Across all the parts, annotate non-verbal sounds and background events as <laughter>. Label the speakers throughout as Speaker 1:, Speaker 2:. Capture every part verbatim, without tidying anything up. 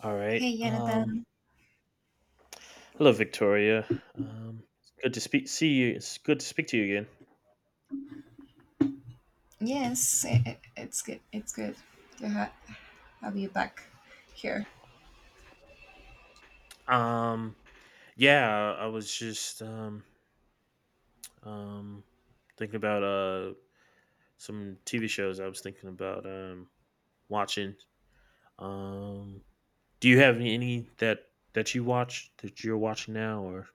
Speaker 1: All right.
Speaker 2: Hey,
Speaker 1: Um,
Speaker 2: Jonathan.
Speaker 1: hello, Victoria. Um, it's good to speak. See you. It's good to speak to you again.
Speaker 2: Yes, i i- it's good. It's good to ha- have you back here.
Speaker 1: Um, yeah, I was just um, um, thinking about uh some T V shows. I was thinking about um watching. Um, do you have any any that that you watch that you're watching now or?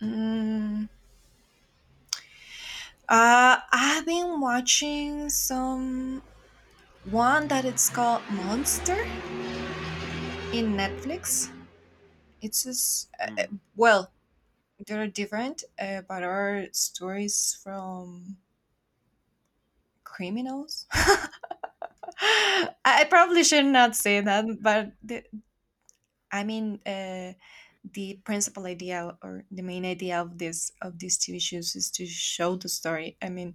Speaker 2: Mm, uh, I've been watching some one that it's called Monster in Netflix. It's just uh, uh,
Speaker 1: Mm.
Speaker 2: well, they're different, uh, but are stories from criminals. <laughs> I probably should not say that, but I mean, uh, the principal idea or the main idea of this of these T V shows is to show the story. I mean,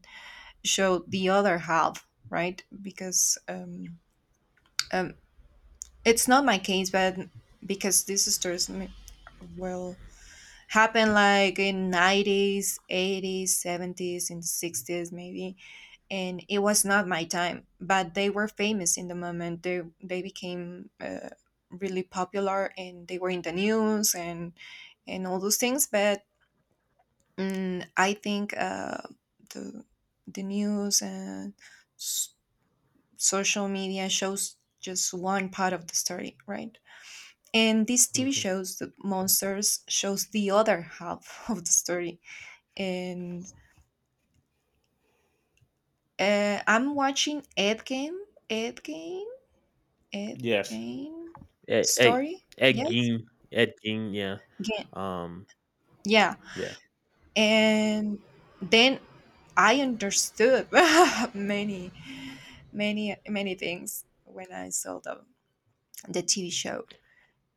Speaker 2: show the other half, right? Because um, um, it's not my case, but because these stories, I well, happened like in nineties, eighties, seventies, in sixties maybe, and it was not my time, but they were famous in the moment. They they became uh, really popular, and they were in the news and and all those things. But mm, I think uh, the the news and s- social media shows just one part of the story, right? And these tv
Speaker 1: Hmm.
Speaker 2: shows, the monsters, shows the other half <laughs> of the story. And uh, I'm watching Ed Game, Ed Game, Ed
Speaker 1: Yes.
Speaker 2: Jane
Speaker 1: Ed, Ed,
Speaker 2: story.
Speaker 1: Ed
Speaker 2: Yes,
Speaker 1: Gein. Ed Gein. Yeah.
Speaker 2: Game.
Speaker 1: Um.
Speaker 2: Yeah,
Speaker 1: Yeah.
Speaker 2: and then I understood <laughs> many, many, many things when I saw the the T V show,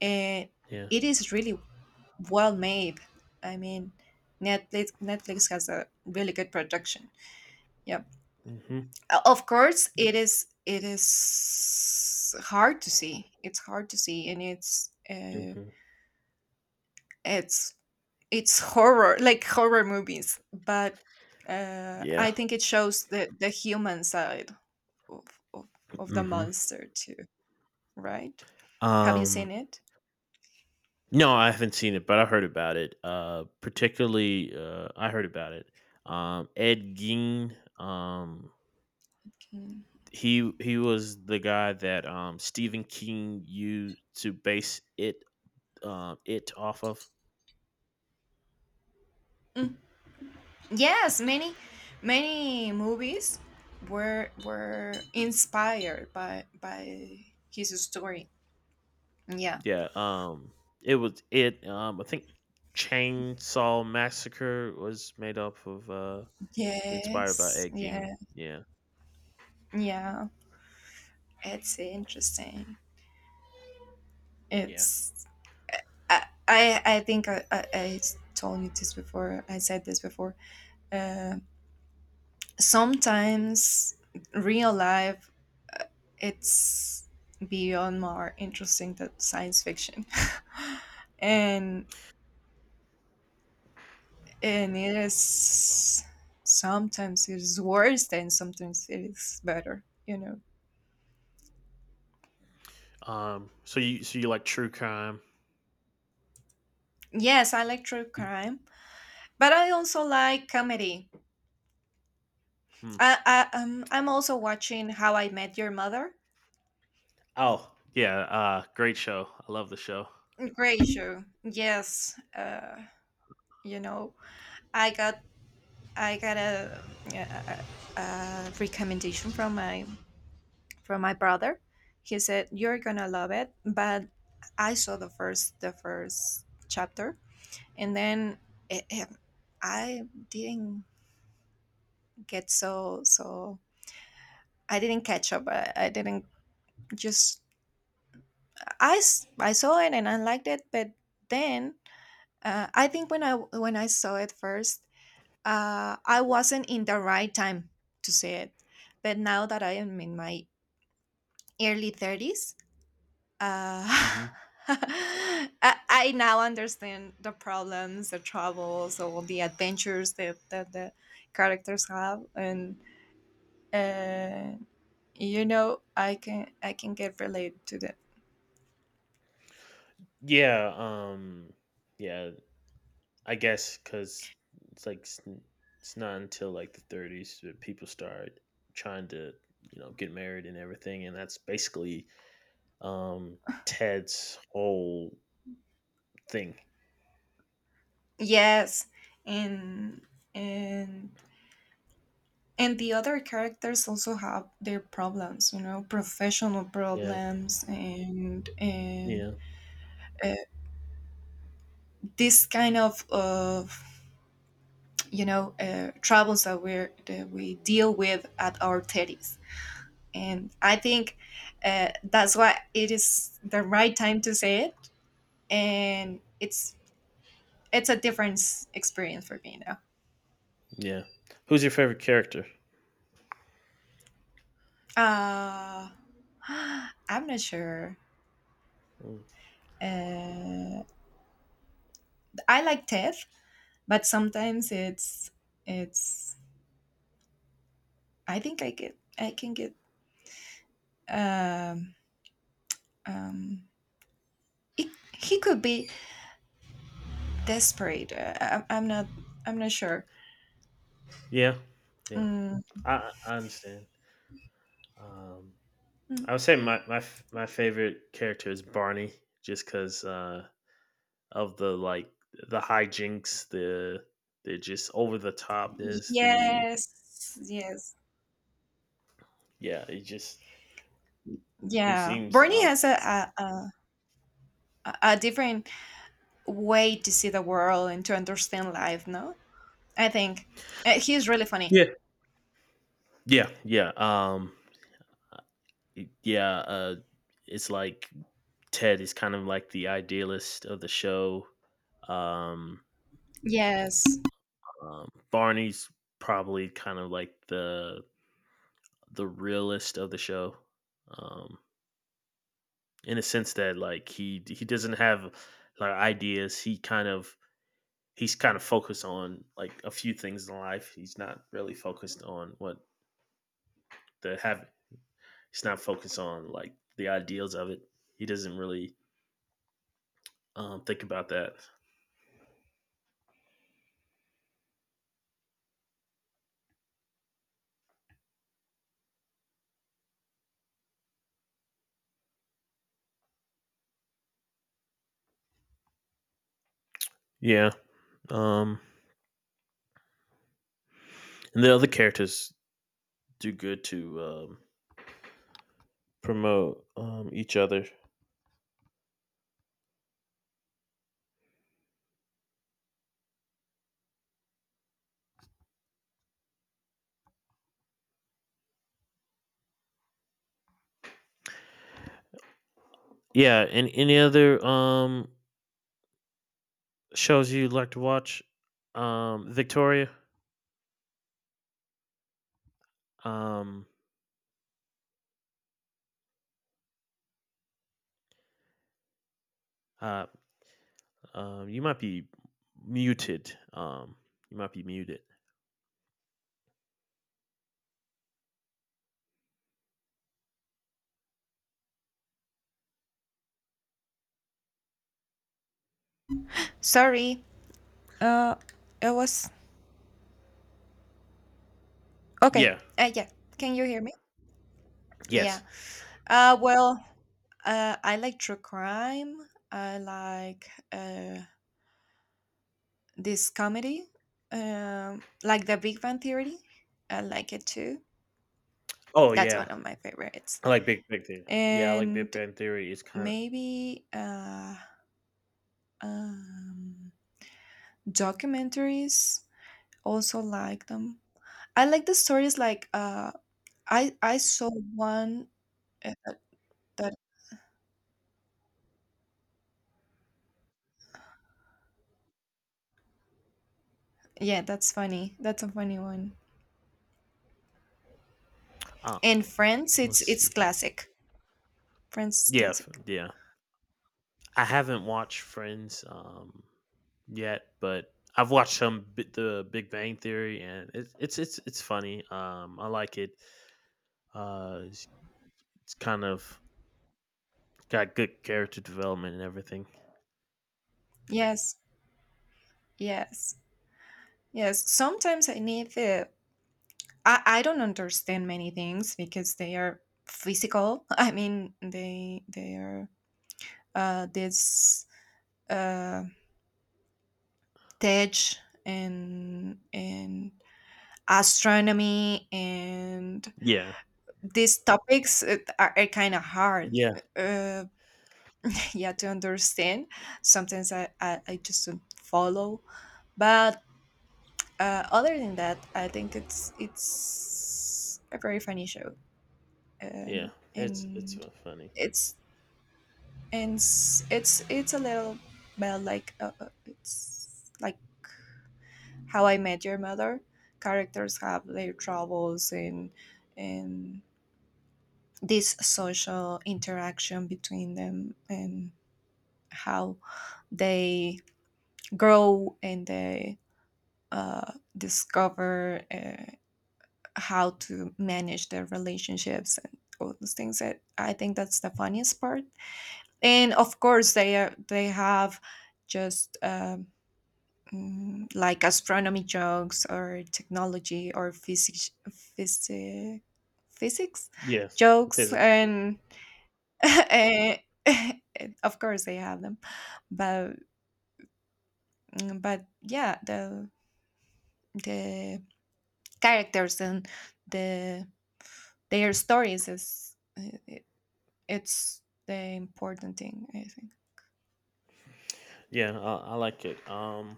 Speaker 2: and
Speaker 1: Yeah.
Speaker 2: it is really well made. I mean, Netflix Netflix has a really good production. Yeah.
Speaker 1: Mm-hmm.
Speaker 2: Uh, of course it is it is hard to see. It's hard to see. And it's uh,
Speaker 1: Mm-hmm.
Speaker 2: it's it's horror, like horror movies. But uh,
Speaker 1: Yeah.
Speaker 2: I think it shows the the human side of, of of the
Speaker 1: Mm-hmm.
Speaker 2: monster too, right? Have you
Speaker 1: Um,
Speaker 2: seen it?
Speaker 1: no, I haven't seen it, but I heard about it. Uh, particularly, uh, I heard about it. Um, Ed Gein. Um,
Speaker 2: Mm.
Speaker 1: he he was the guy that um Stephen King used to base it um it off of.
Speaker 2: Mm. Yes, many many movies were were inspired by by his story. Yeah.
Speaker 1: Yeah. Um, it was it. Um, I think Chainsaw Massacre was made up of uh inspired by
Speaker 2: Yes,
Speaker 1: Ed Gein.
Speaker 2: yes.
Speaker 1: Yeah.
Speaker 2: Yeah, it's interesting.
Speaker 1: Yeah.
Speaker 2: It's I I, I think I, I I told you this before. I said this before. Uh, Sometimes real life it's beyond more interesting than science fiction, <laughs> and and it is. Sometimes it is worse and sometimes it is better. You know.
Speaker 1: Um. So you so you like true crime?
Speaker 2: Yes, I like true crime, but I also like comedy. I, I um I'm also watching How I Met Your Mother.
Speaker 1: Oh, yeah, uh great show. I love the show.
Speaker 2: Great show. Yes. Uh, you know, I got I got a, a, a recommendation from my from my brother. He said you're gonna love it, but I saw the first the first chapter. And then it, it- I didn't get, so so I didn't catch up. I, I didn't just I s- I saw it and I liked it, but then... Uh, I think when I when I saw it first, uh, I wasn't in the right time to see it. But now that I am in my early thirties, uh,
Speaker 1: Hmm.
Speaker 2: <laughs> I, I now understand the problems, the troubles, all the adventures that, that the characters have, and uh, you know, I can I can get related to that.
Speaker 1: Yeah. Um. Yeah. I guess because it's like s- it's not until like the thirties that people start trying to you know get married and everything, and that's basically um Ted's whole thing.
Speaker 2: Yes, and and and the other characters also have their problems, you know, professional
Speaker 1: Yeah.
Speaker 2: problems, and and
Speaker 1: Yeah.
Speaker 2: uh, this kind of of, you know uh, troubles that we that we deal with at our thirties. And I think uh, that's why it is the right time to say it. And it's it's a different s- experience for me now.
Speaker 1: Yeah. Who's your favorite character?
Speaker 2: Uh, <gasps> I'm not sure.
Speaker 1: Mm.
Speaker 2: Uh, I like Ted. But sometimes it's it's I think I get i can get, um um it, he could be desperate. uh, I, i'm not i'm not sure.
Speaker 1: Yeah. Yeah.
Speaker 2: Mm.
Speaker 1: I I I understand. Um. I would
Speaker 2: Mm.
Speaker 1: say my my f- my favorite character is Barney, just because uh, of the like the hijinks, the the just over the topness, the.
Speaker 2: Yes, yes.
Speaker 1: Yeah, it just he
Speaker 2: Yeah,
Speaker 1: seems
Speaker 2: bernie
Speaker 1: uh,
Speaker 2: has a, a a a a different way to see the world and to understand life, no? I think uh, he's really funny.
Speaker 1: yeah yeah yeah um yeah uh, it's like Ted is kind of like the idealist of the show. Um,
Speaker 2: Yes.
Speaker 1: um, Barney's probably kind of like the the realist of the show. Um, in a sense that like he he doesn't have like ideas. He kind of he's kind of focused on like a few things in life. He's not really focused on what the have. He's not focused on like the ideals of it. He doesn't really um, think about that. Yeah, um, and the other characters do good to um, promote um, each other. Yeah, and any other um, shows you like to watch? Um, Victoria. Um, uh, Um, you might be muted. Um, you might be muted.
Speaker 2: Sorry, uh it was okay.
Speaker 1: Yeah.
Speaker 2: Uh, yeah. Can you hear me? Yeah.
Speaker 1: Yes.
Speaker 2: Uh, well, uh, I like true crime. I like uh, this comedy, um, like The Big Bang Theory. I like it too.
Speaker 1: Oh
Speaker 2: That's
Speaker 1: yeah.
Speaker 2: one of my favorites.
Speaker 1: I like Big Bang Theory. Yeah, I like Big
Speaker 2: And
Speaker 1: Bang Theory. It's kind of.
Speaker 2: maybe uh, um, documentaries. Also like them. I like the stories. Like, uh, I I saw one, uh, that yeah, that's funny. That's a funny one.
Speaker 1: uh,
Speaker 2: And Friends,
Speaker 1: let's
Speaker 2: it's it's
Speaker 1: see here.
Speaker 2: classic. Friends is
Speaker 1: Yeah, f-
Speaker 2: classic.
Speaker 1: yeah. I haven't watched Friends um yet, but I've watched some bit the Big Bang Theory, and it's it's it's it's funny. Um, I like it. Uh, it's, it's kind of got good character development and everything.
Speaker 2: Yes, yes, yes. Sometimes I need the. I, I don't understand many things because they are physical. <laughs> I mean, they they are uh, this uh, tech and and astronomy, and
Speaker 1: Yeah,
Speaker 2: these topics uh, are, are kind of hard.
Speaker 1: yeah,
Speaker 2: Uh, <laughs> yeah, to understand. Sometimes I I, I just don't follow, but Uh, other than that, I think it's it's a very funny show,
Speaker 1: yeah.
Speaker 2: and
Speaker 1: It's it's
Speaker 2: and
Speaker 1: uh, funny.
Speaker 2: it's and s- it's it's a little, well, like, uh, uh, it's like How I Met Your Mother. Characters have their troubles and and this social interaction between them, and how they grow and they uh, discover uh, how to manage their relationships and all those things that I think that's the funniest part. And of course they are they have, just um, mm, like astronomy jokes or technology or physics physics physics
Speaker 1: Yes,
Speaker 2: jokes
Speaker 1: physics. Yeah.
Speaker 2: and <laughs> eh, <laughs> of course they have them. But mm, but yeah, the the characters and the their stories is uh, It's the important thing, I think.
Speaker 1: Yeah, I, I like it. Um,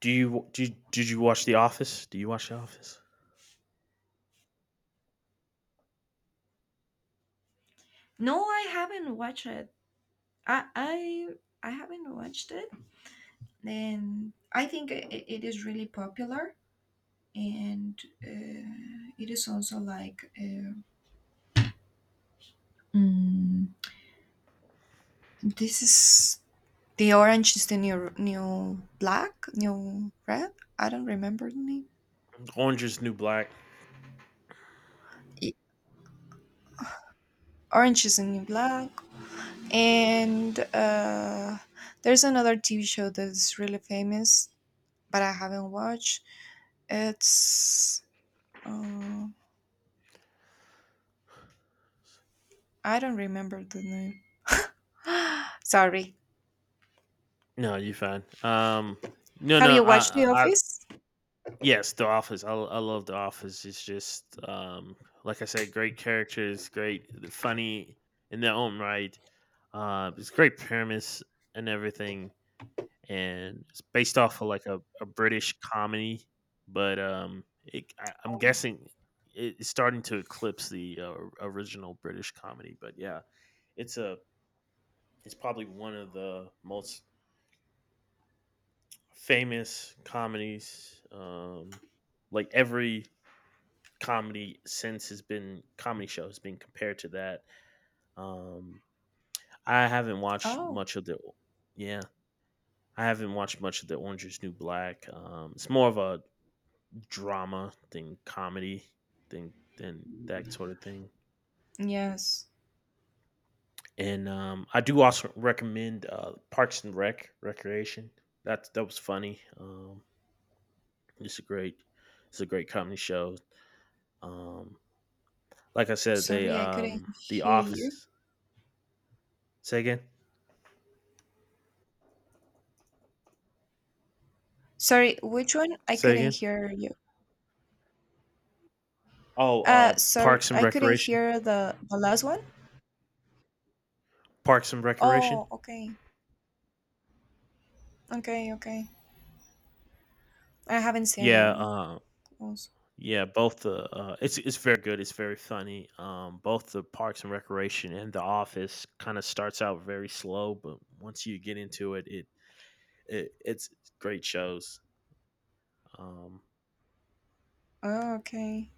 Speaker 1: do you did did you watch The Office? Do you watch The Office?
Speaker 2: No, I haven't watched it. I I I haven't watched it, and I think it, it is really popular, and uh, it is also like, uh, mm, this is The Orange is the New new Black, new red. I don't remember the name.
Speaker 1: Orange is the New Black.
Speaker 2: Y- Orange is the New Black, and uh, there's another T V show that's really famous, but I haven't watched. It's uh, I don't remember the name. <laughs> <gasps> Sorry.
Speaker 1: No, you fine. Um, no,
Speaker 2: Have
Speaker 1: no,
Speaker 2: you
Speaker 1: I,
Speaker 2: watched The
Speaker 1: I, I-
Speaker 2: Office?
Speaker 1: yes, The Office. I, I love The Office. It's just, um, like I said, great characters, great, funny in their own right. Uh, it's great premise and everything. And it's based off of like a, a British comedy, but um, it, I, I'm guessing it- it's starting to eclipse the uh, original British comedy. But yeah, it's a it's probably one of the most famous comedies. Um, like every comedy since has been comedy show has been compared to that. Um, I haven't watched
Speaker 2: Oh,
Speaker 1: much of the. Yeah. I haven't watched much of the Orange is New Black. Um, it's more of a drama than comedy than then that sort of thing.
Speaker 2: yes.
Speaker 1: And um, I do also recommend uh, Parks and Rec Recreation. That's that was funny. Um, it's a great it's a great comedy show. Um, like I said, they
Speaker 2: Sorry, I couldn't
Speaker 1: um, the
Speaker 2: hear you.
Speaker 1: Office. Say again.
Speaker 2: Sorry, which one? I
Speaker 1: Say
Speaker 2: couldn't
Speaker 1: again.
Speaker 2: hear you.
Speaker 1: Oh, uh,
Speaker 2: Uh, sorry,
Speaker 1: Parks and
Speaker 2: I couldn't
Speaker 1: Recreation.
Speaker 2: hear the the last one.
Speaker 1: Parks and Recreation.
Speaker 2: Oh, okay, okay, okay. I haven't seen
Speaker 1: Yeah.
Speaker 2: it.
Speaker 1: Um,
Speaker 2: Also.
Speaker 1: Yeah, both the. Uh, it's it's very good. It's very funny. Um, both the Parks and Recreation and The Office kind of starts out very slow, but once you get into it, it, it it's great shows. Um,
Speaker 2: Oh, okay,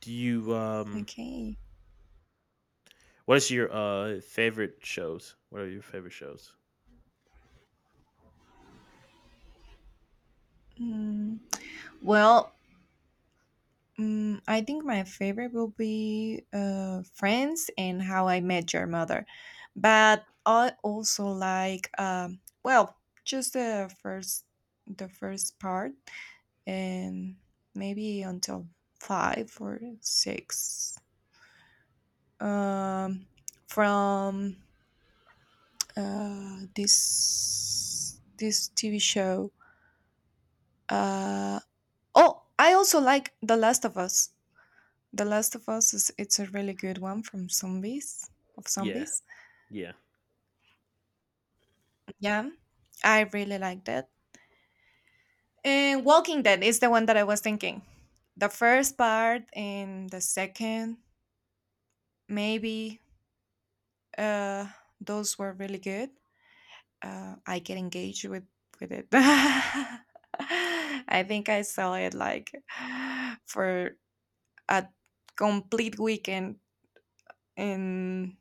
Speaker 1: do you um,
Speaker 2: okay.
Speaker 1: What is your uh favorite shows? What are your favorite shows?
Speaker 2: Mm. Well, Mm, I think my favorite will be uh, Friends and How I Met Your Mother. But I also like, um, well, just the first, the first part, and maybe until five or six. Um, from uh, this this T V show. Uh, oh, I also like The Last of Us. The Last of Us is it's a really good one from zombies, of
Speaker 1: Yeah,
Speaker 2: zombies.
Speaker 1: yeah,
Speaker 2: Yeah, I really liked it. And Walking Dead is the one that I was thinking. The first part and the second, maybe uh those were really good. Uh I get engaged with with it. <laughs> I think I saw it like for a complete weekend, and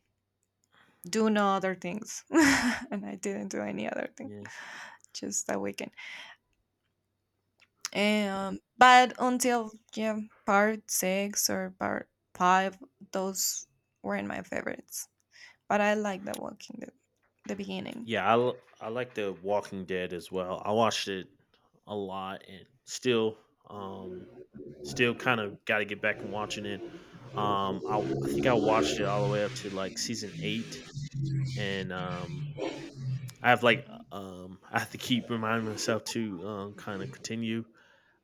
Speaker 2: doing other things <laughs> and I didn't do any other thing.
Speaker 1: yeah,
Speaker 2: Just that weekend. Um, but until, yeah, part six or part five, those weren't my favorites. But I like The Walking Dead, the beginning.
Speaker 1: yeah. I l- I like The Walking Dead as well. I watched it a lot and still. Um, Still kind of got to get back and watching it. Um, I, w- I think I watched it all the way up to like season eight, and um, I have like
Speaker 2: Mhm.
Speaker 1: uh, um, I have to keep reminding myself to um, kind of continue.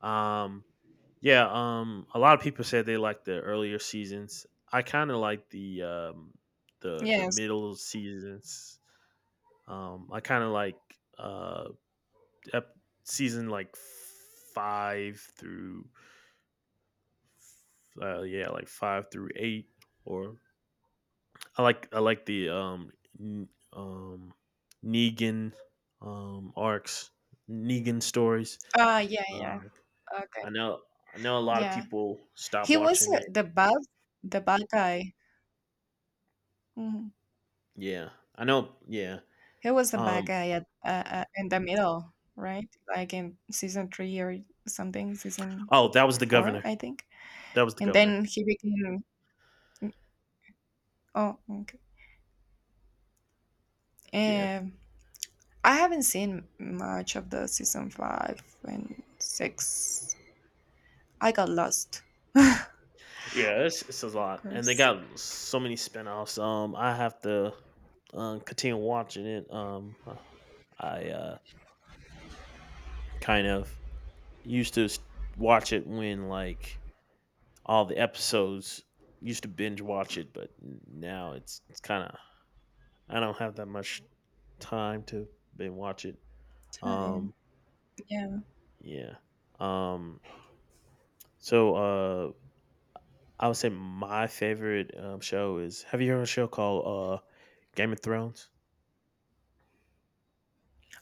Speaker 1: Um, yeah, um, a lot of people said they like the earlier seasons. I kind of like the um, the the
Speaker 2: Yes.
Speaker 1: middle seasons. Um, I kind of like uh, ep- season like five through uh, yeah, like five through eight, or I like I like the um n- um Negan um arcs, Negan stories.
Speaker 2: Ah, yeah, yeah.
Speaker 1: Uh,
Speaker 2: Okay.
Speaker 1: I know I know a lot of
Speaker 2: Yeah,
Speaker 1: people stop
Speaker 2: he was
Speaker 1: watching
Speaker 2: uh,
Speaker 1: it.
Speaker 2: the bad, the bad guy. Mhm.
Speaker 1: Yeah, I know. Yeah.
Speaker 2: He was the bad
Speaker 1: Um.
Speaker 2: guy at uh, uh, in the middle, right? Like in season three or something, season
Speaker 1: Oh, that was the
Speaker 2: four,
Speaker 1: governor.
Speaker 2: I think.
Speaker 1: That was the
Speaker 2: And
Speaker 1: governor.
Speaker 2: then he became. Oh, okay.
Speaker 1: Yeah.
Speaker 2: Um, I haven't seen much of the season five and six. I got lost. <laughs> Of
Speaker 1: Yeah. It's it's a lot, and they
Speaker 2: course.
Speaker 1: got so many spinoffs. Um, I have to um continue watching it. Um, I uh kind of used to s- watch it when like all the episodes. Used to binge watch it, but now it's it's kind of I don't have that much time to binge watch it. Um,
Speaker 2: Time, yeah.
Speaker 1: yeah. Um, so uh, I would say my favorite um, show is. Have you heard of a show called uh, Game of Thrones?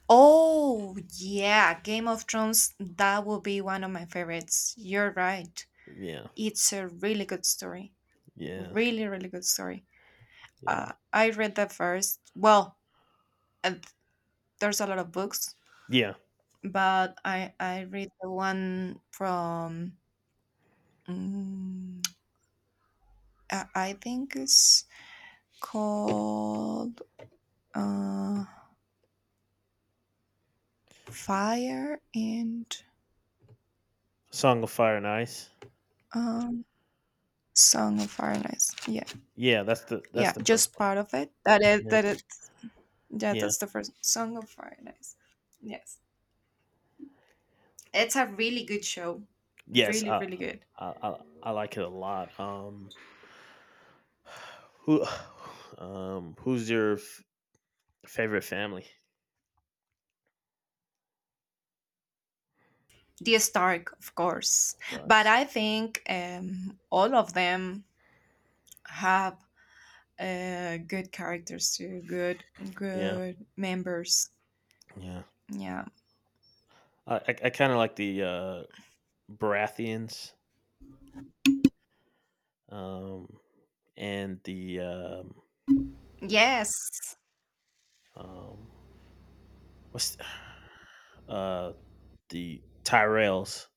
Speaker 2: Oh, yeah, Game of Thrones, that will be one of my favorites. You're right.
Speaker 1: Yeah,
Speaker 2: It's a really good story.
Speaker 1: yeah,
Speaker 2: Really, really good story.
Speaker 1: yeah,
Speaker 2: Uh, I read the first, well, uh, there's a lot of books,
Speaker 1: yeah.
Speaker 2: but I, I read the one from, mm, I I think it's called uh, fire and,
Speaker 1: Song of Fire and Ice.
Speaker 2: um, song of fire and ice. Yeah.
Speaker 1: Yeah, that's the that's
Speaker 2: Yeah,
Speaker 1: the first
Speaker 2: just
Speaker 1: one.
Speaker 2: part of it that it
Speaker 1: Yeah,
Speaker 2: that it. Yeah,
Speaker 1: yeah.
Speaker 2: that's the first Song of Fire and Ice. Yes, it's a really good show.
Speaker 1: Yes,
Speaker 2: Really,
Speaker 1: I
Speaker 2: really good.
Speaker 1: I I, I like it a lot. Um, who <sighs> um Who's your favorite family
Speaker 2: The Stark, of course.
Speaker 1: of
Speaker 2: But
Speaker 1: dogs.
Speaker 2: I think um all of them have uh good characters too. Good
Speaker 1: Yeah,
Speaker 2: good members.
Speaker 1: yeah.
Speaker 2: Yeah.
Speaker 1: I I, I kind of like the uh, Baratheons um, and the um,
Speaker 2: Yes.
Speaker 1: um, what's <sighs> th- uh, the Tyrells.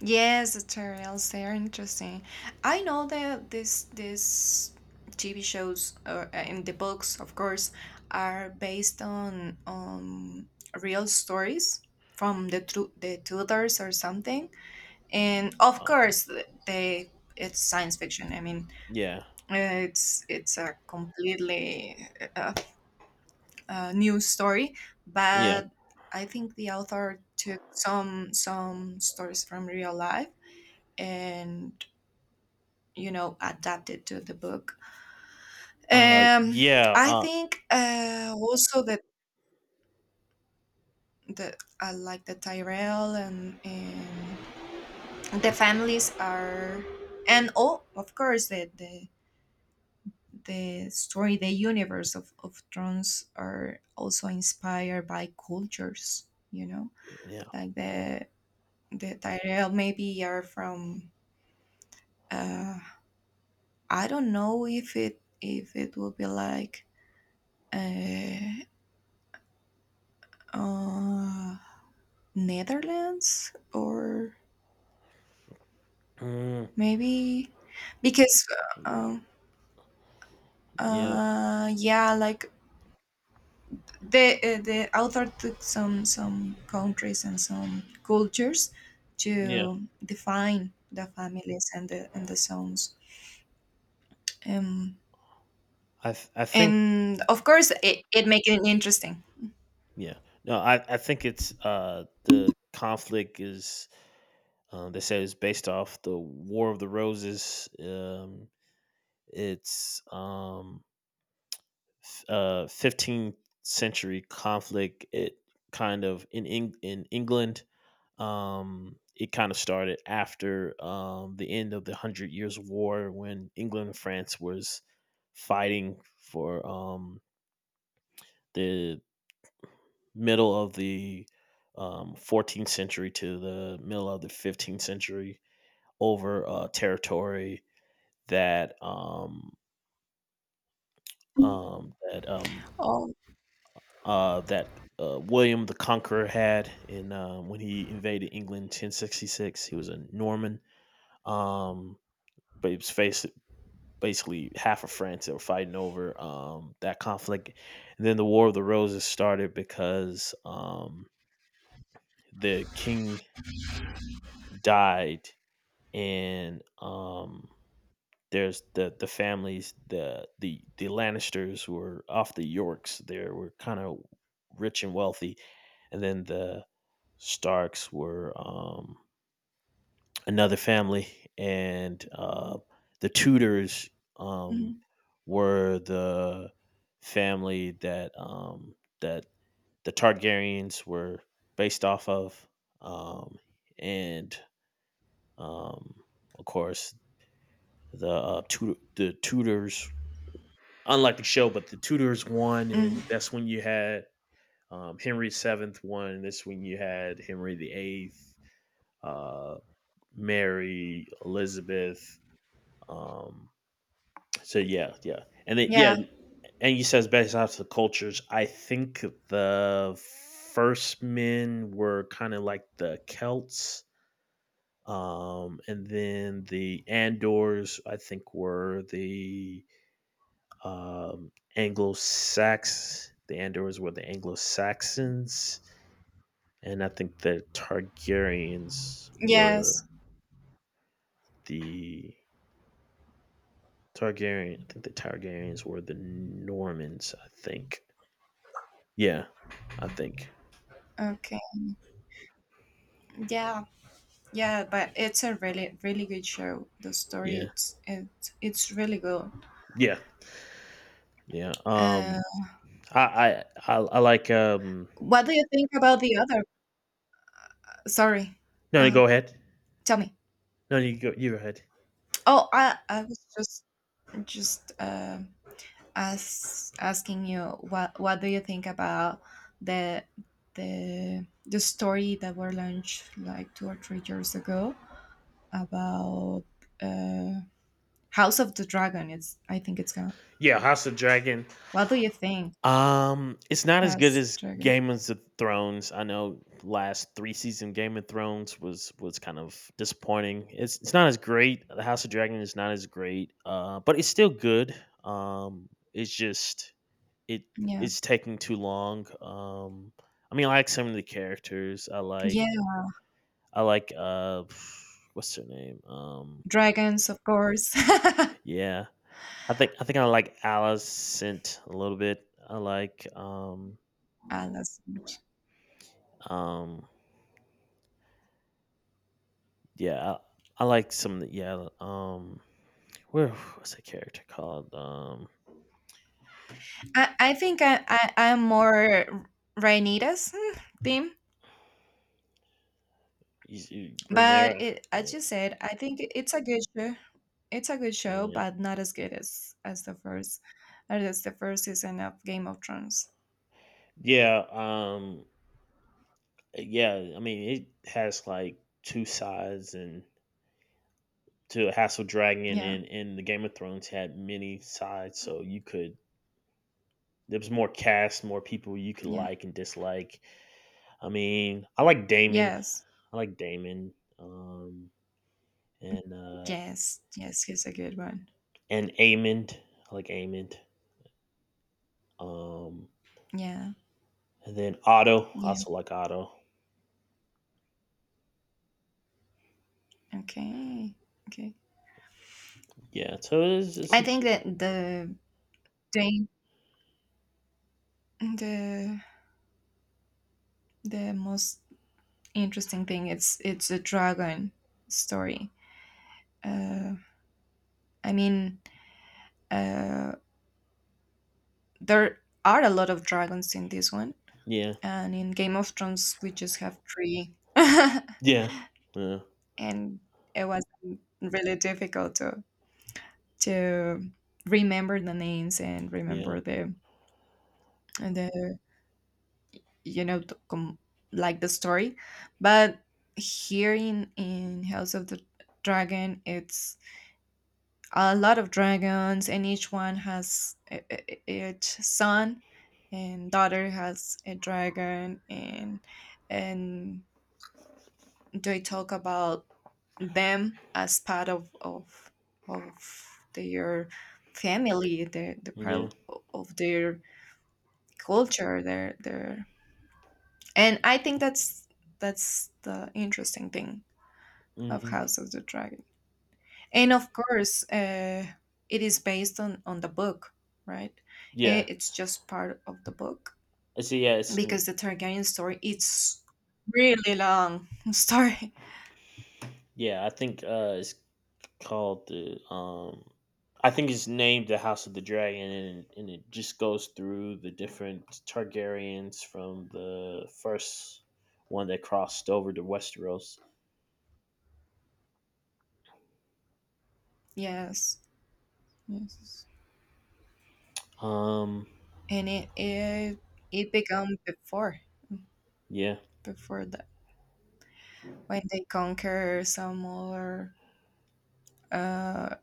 Speaker 2: Yes, the tutorials they are interesting. I know that this this T V shows, or uh, in the books, of course, are based on on real stories from the tru- the Tudors or something. And of
Speaker 1: Uh,
Speaker 2: course, th- they it's science fiction. I mean,
Speaker 1: yeah,
Speaker 2: uh, it's it's a completely uh, uh, new story,
Speaker 1: yeah,
Speaker 2: but I think the author took some some stories from real life and, you know adapted to the book.
Speaker 1: uh,
Speaker 2: um
Speaker 1: yeah,
Speaker 2: I
Speaker 1: uh,
Speaker 2: think uh also, that the I like the Tyrell, and and the families are... And oh, of course, the the the story, the universe of, of thrones, are also inspired by cultures, you know.
Speaker 1: yeah,
Speaker 2: Like the the Tyrell maybe are from, uh I don't know if it if it will be like, uh, uh Netherlands, or
Speaker 1: mm,
Speaker 2: maybe, because uh,
Speaker 1: yeah,
Speaker 2: uh yeah, like the uh, the author took some some countries and some cultures
Speaker 1: yeah.
Speaker 2: to define the families and the and the zones. um
Speaker 1: I th- I think
Speaker 2: and of course it, it makes it interesting.
Speaker 1: yeah. No, I, I think it's uh the conflict is. Um, they say it's based off the War of the Roses. Um, it's um uh, fifteenth century conflict. It kind of In Eng- in England. Um, it kind of started after um, the end of the Hundred Years' War when England and France was fighting for um, the middle of the um, fourteenth century to the middle of the fifteenth century over uh, territory that um, um, that um,
Speaker 2: Oh.
Speaker 1: uh, that uh, William the Conqueror had in um, when he invaded England in ten sixty-six. He was a Norman, um, but he was faced basically half of France that were fighting over um, that conflict. And then the War of the Roses started because um, the king died, and um, there's the the families the the the Lannisters were off the Yorks. They were kind of rich and wealthy, and then the Starks were um, another family, and uh, the Tudors um,
Speaker 2: Mhm,
Speaker 1: were the family that um, that the Targaryens were based off of, um, and um, of course the uh, Tudor, the Tudors. Unlike the show, but the Tudors won, and
Speaker 2: mhm.
Speaker 1: that's when you had um, Henry the Seventh won. That's when you had Henry the Eighth, uh, Mary, Elizabeth. Um, so yeah, yeah, and it, yeah,
Speaker 2: Yeah.
Speaker 1: and he says based off the cultures. I think the first men were kind of like the Celts, um, and then the Andors. I think were the um, Anglo Sax. The Andors were the Anglo Saxons, and I think the Targaryens were
Speaker 2: Yes.
Speaker 1: the Targaryen. I think the Targaryens were the Normans. I think. Yeah, I think.
Speaker 2: Okay. Yeah, yeah. But it's a really, really good show. The story,
Speaker 1: Yeah,
Speaker 2: it's it, it's really good.
Speaker 1: yeah, yeah.
Speaker 2: Uh,
Speaker 1: Um, I, I, I, I like. Um,
Speaker 2: what do you think about the other? Sorry,
Speaker 1: no, no,
Speaker 2: uh,
Speaker 1: go ahead.
Speaker 2: tell me.
Speaker 1: No, you go. You go ahead.
Speaker 2: Oh, I I was just just um as asking you what what do you think about the the the story that were launched like two or three years ago about, uh, House of the Dragon? It's, I think it's going.
Speaker 1: Yeah, House of Dragon.
Speaker 2: What do you think?
Speaker 1: Um, it's not as good
Speaker 2: House of
Speaker 1: as
Speaker 2: Dragon.
Speaker 1: Game of the Thrones. I know last three season Game of Thrones was was kind of disappointing. It's it's not as great. The House of Dragon is not as great. Uh, but it's still good. Um, it's just. It
Speaker 2: Yeah,
Speaker 1: Is taking too long. Um, I mean, I like some of the characters. I like,
Speaker 2: yeah,
Speaker 1: I like, uh, <sighs> what's her name? Um,
Speaker 2: dragons, of course.
Speaker 1: yeah, I think, I think I like Alicent a little bit. I like, um,
Speaker 2: <laughs> Alas.
Speaker 1: um, yeah, I, I like some, of the- yeah, um, where <sighs> what's that character called? Um,
Speaker 2: I, I think, I, I, I'm more Rainitas theme,
Speaker 1: he's- he-
Speaker 2: but
Speaker 1: Rhaenyra.
Speaker 2: it, as you
Speaker 1: uh,
Speaker 2: said, I think it- it's a good show. It's a good show,
Speaker 1: Yeah,
Speaker 2: but not as good as as the first as the first season of Game of Thrones.
Speaker 1: yeah, um, yeah. I mean, it has like two sides and to Hassel Dragon,
Speaker 2: Yeah,
Speaker 1: and and the Game of Thrones had many sides, so you could there was more cast, more people you could
Speaker 2: yeah.
Speaker 1: like and dislike. I mean, I like Damon.
Speaker 2: Yes,
Speaker 1: I like Damon. Um and uh
Speaker 2: yes, yes. He's a good one.
Speaker 1: and Amond. I like Amond. Um
Speaker 2: Yeah,
Speaker 1: and then Otto. I
Speaker 2: yeah.
Speaker 1: also like Otto.
Speaker 2: Okay, okay.
Speaker 1: Yeah. So it's it's
Speaker 2: I
Speaker 1: a,
Speaker 2: think that the the the the most interesting thing it's it's a dragon story. Uh, I mean, Uh, there are a lot of dragons in this one,
Speaker 1: yeah.
Speaker 2: and in Game of Thrones we just have three, <laughs>
Speaker 1: Yeah. Yeah.
Speaker 2: and it was really difficult to to remember the names and
Speaker 1: Yeah.
Speaker 2: remember the the you know the, com- like the story. But here in in House of the Dragon it's a lot of dragons, and each one has i- i- its son and daughter has a dragon, and and they talk about them as part of of of their family, the the
Speaker 1: Yeah.
Speaker 2: part of, of their culture, their their, and I think that's that's the interesting thing of
Speaker 1: Hmm.
Speaker 2: House of the Dragon. And of course, uh, it is based on on the book, right? Eh,
Speaker 1: Yeah.
Speaker 2: it's just part of the book,
Speaker 1: I see, yeah, it's
Speaker 2: because the Targaryen story it's really long <laughs> story.
Speaker 1: yeah, I think uh it's called the um I think it's named the House of the Dragon, and and it just goes through the different Targaryens from the first one that crossed over to Westeros.
Speaker 2: Yes, yes.
Speaker 1: Um
Speaker 2: And it it, it began before
Speaker 1: yeah.
Speaker 2: before that, when they conquer some other uh,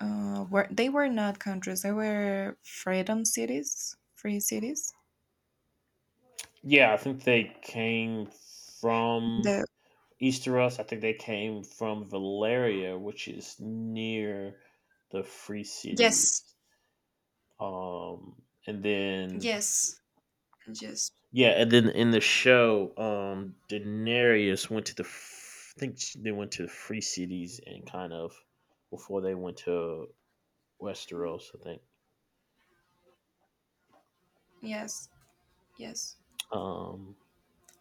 Speaker 2: uh Were they were not countries, they were freedom cities, free cities,
Speaker 1: Yeah, I think they came from
Speaker 2: the...
Speaker 1: Easteros. I think they came from Valeria, which is near the Free
Speaker 2: Yes,
Speaker 1: Cities. Um and then
Speaker 2: yes, yes,
Speaker 1: Yeah, and then in the show, um, Daenerys went to the. F- I think she- they went to the free cities and kind of before they went to Westeros. I think.
Speaker 2: yes. Yes,
Speaker 1: Um,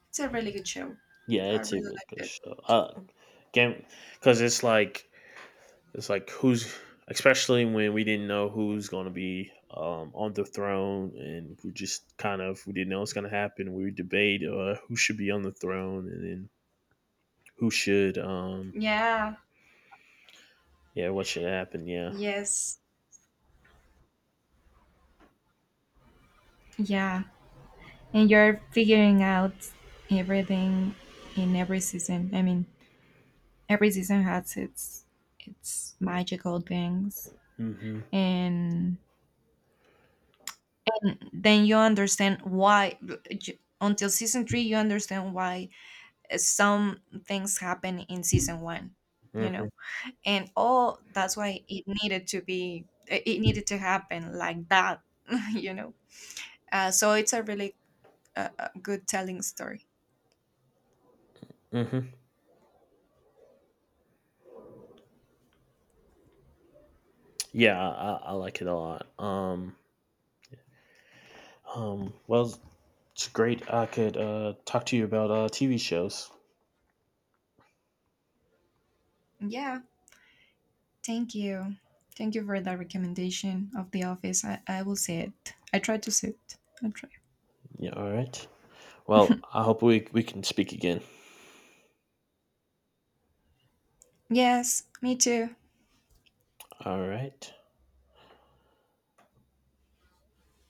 Speaker 2: it's a really good show.
Speaker 1: yeah,
Speaker 2: I
Speaker 1: it's a
Speaker 2: really
Speaker 1: really
Speaker 2: liked
Speaker 1: good
Speaker 2: it.
Speaker 1: show. Uh, game Because it's like it's like. Who's Especially when we didn't know who's going to be um, on the throne, and we just kind of we didn't know what's going to happen. We would debate uh, who should be on the throne, and then who should um
Speaker 2: Yeah.
Speaker 1: yeah, what should happen, yeah.
Speaker 2: Yes. Yeah, and you're figuring out everything in every season. I mean, every season has its its magical things,
Speaker 1: Hmm.
Speaker 2: and then you understand why. Until season three, you understand why some things happen in season one. You
Speaker 1: Mhm,
Speaker 2: know. And all, that's why it needed to be it needed to happen like that <laughs> you know. Uh, so it's a really, uh, uh, good telling story.
Speaker 1: mhm. Yeah, I, I I like it a lot. Um, um, well, it's great. I could uh, talk to you about uh, T V shows.
Speaker 2: Yeah, thank you thank you for that recommendation of The Office. i, I will see it. I try to see it. I'll try.
Speaker 1: Yeah, all right. Well, I hope we we can speak again.
Speaker 2: Yes, me too.
Speaker 1: All right.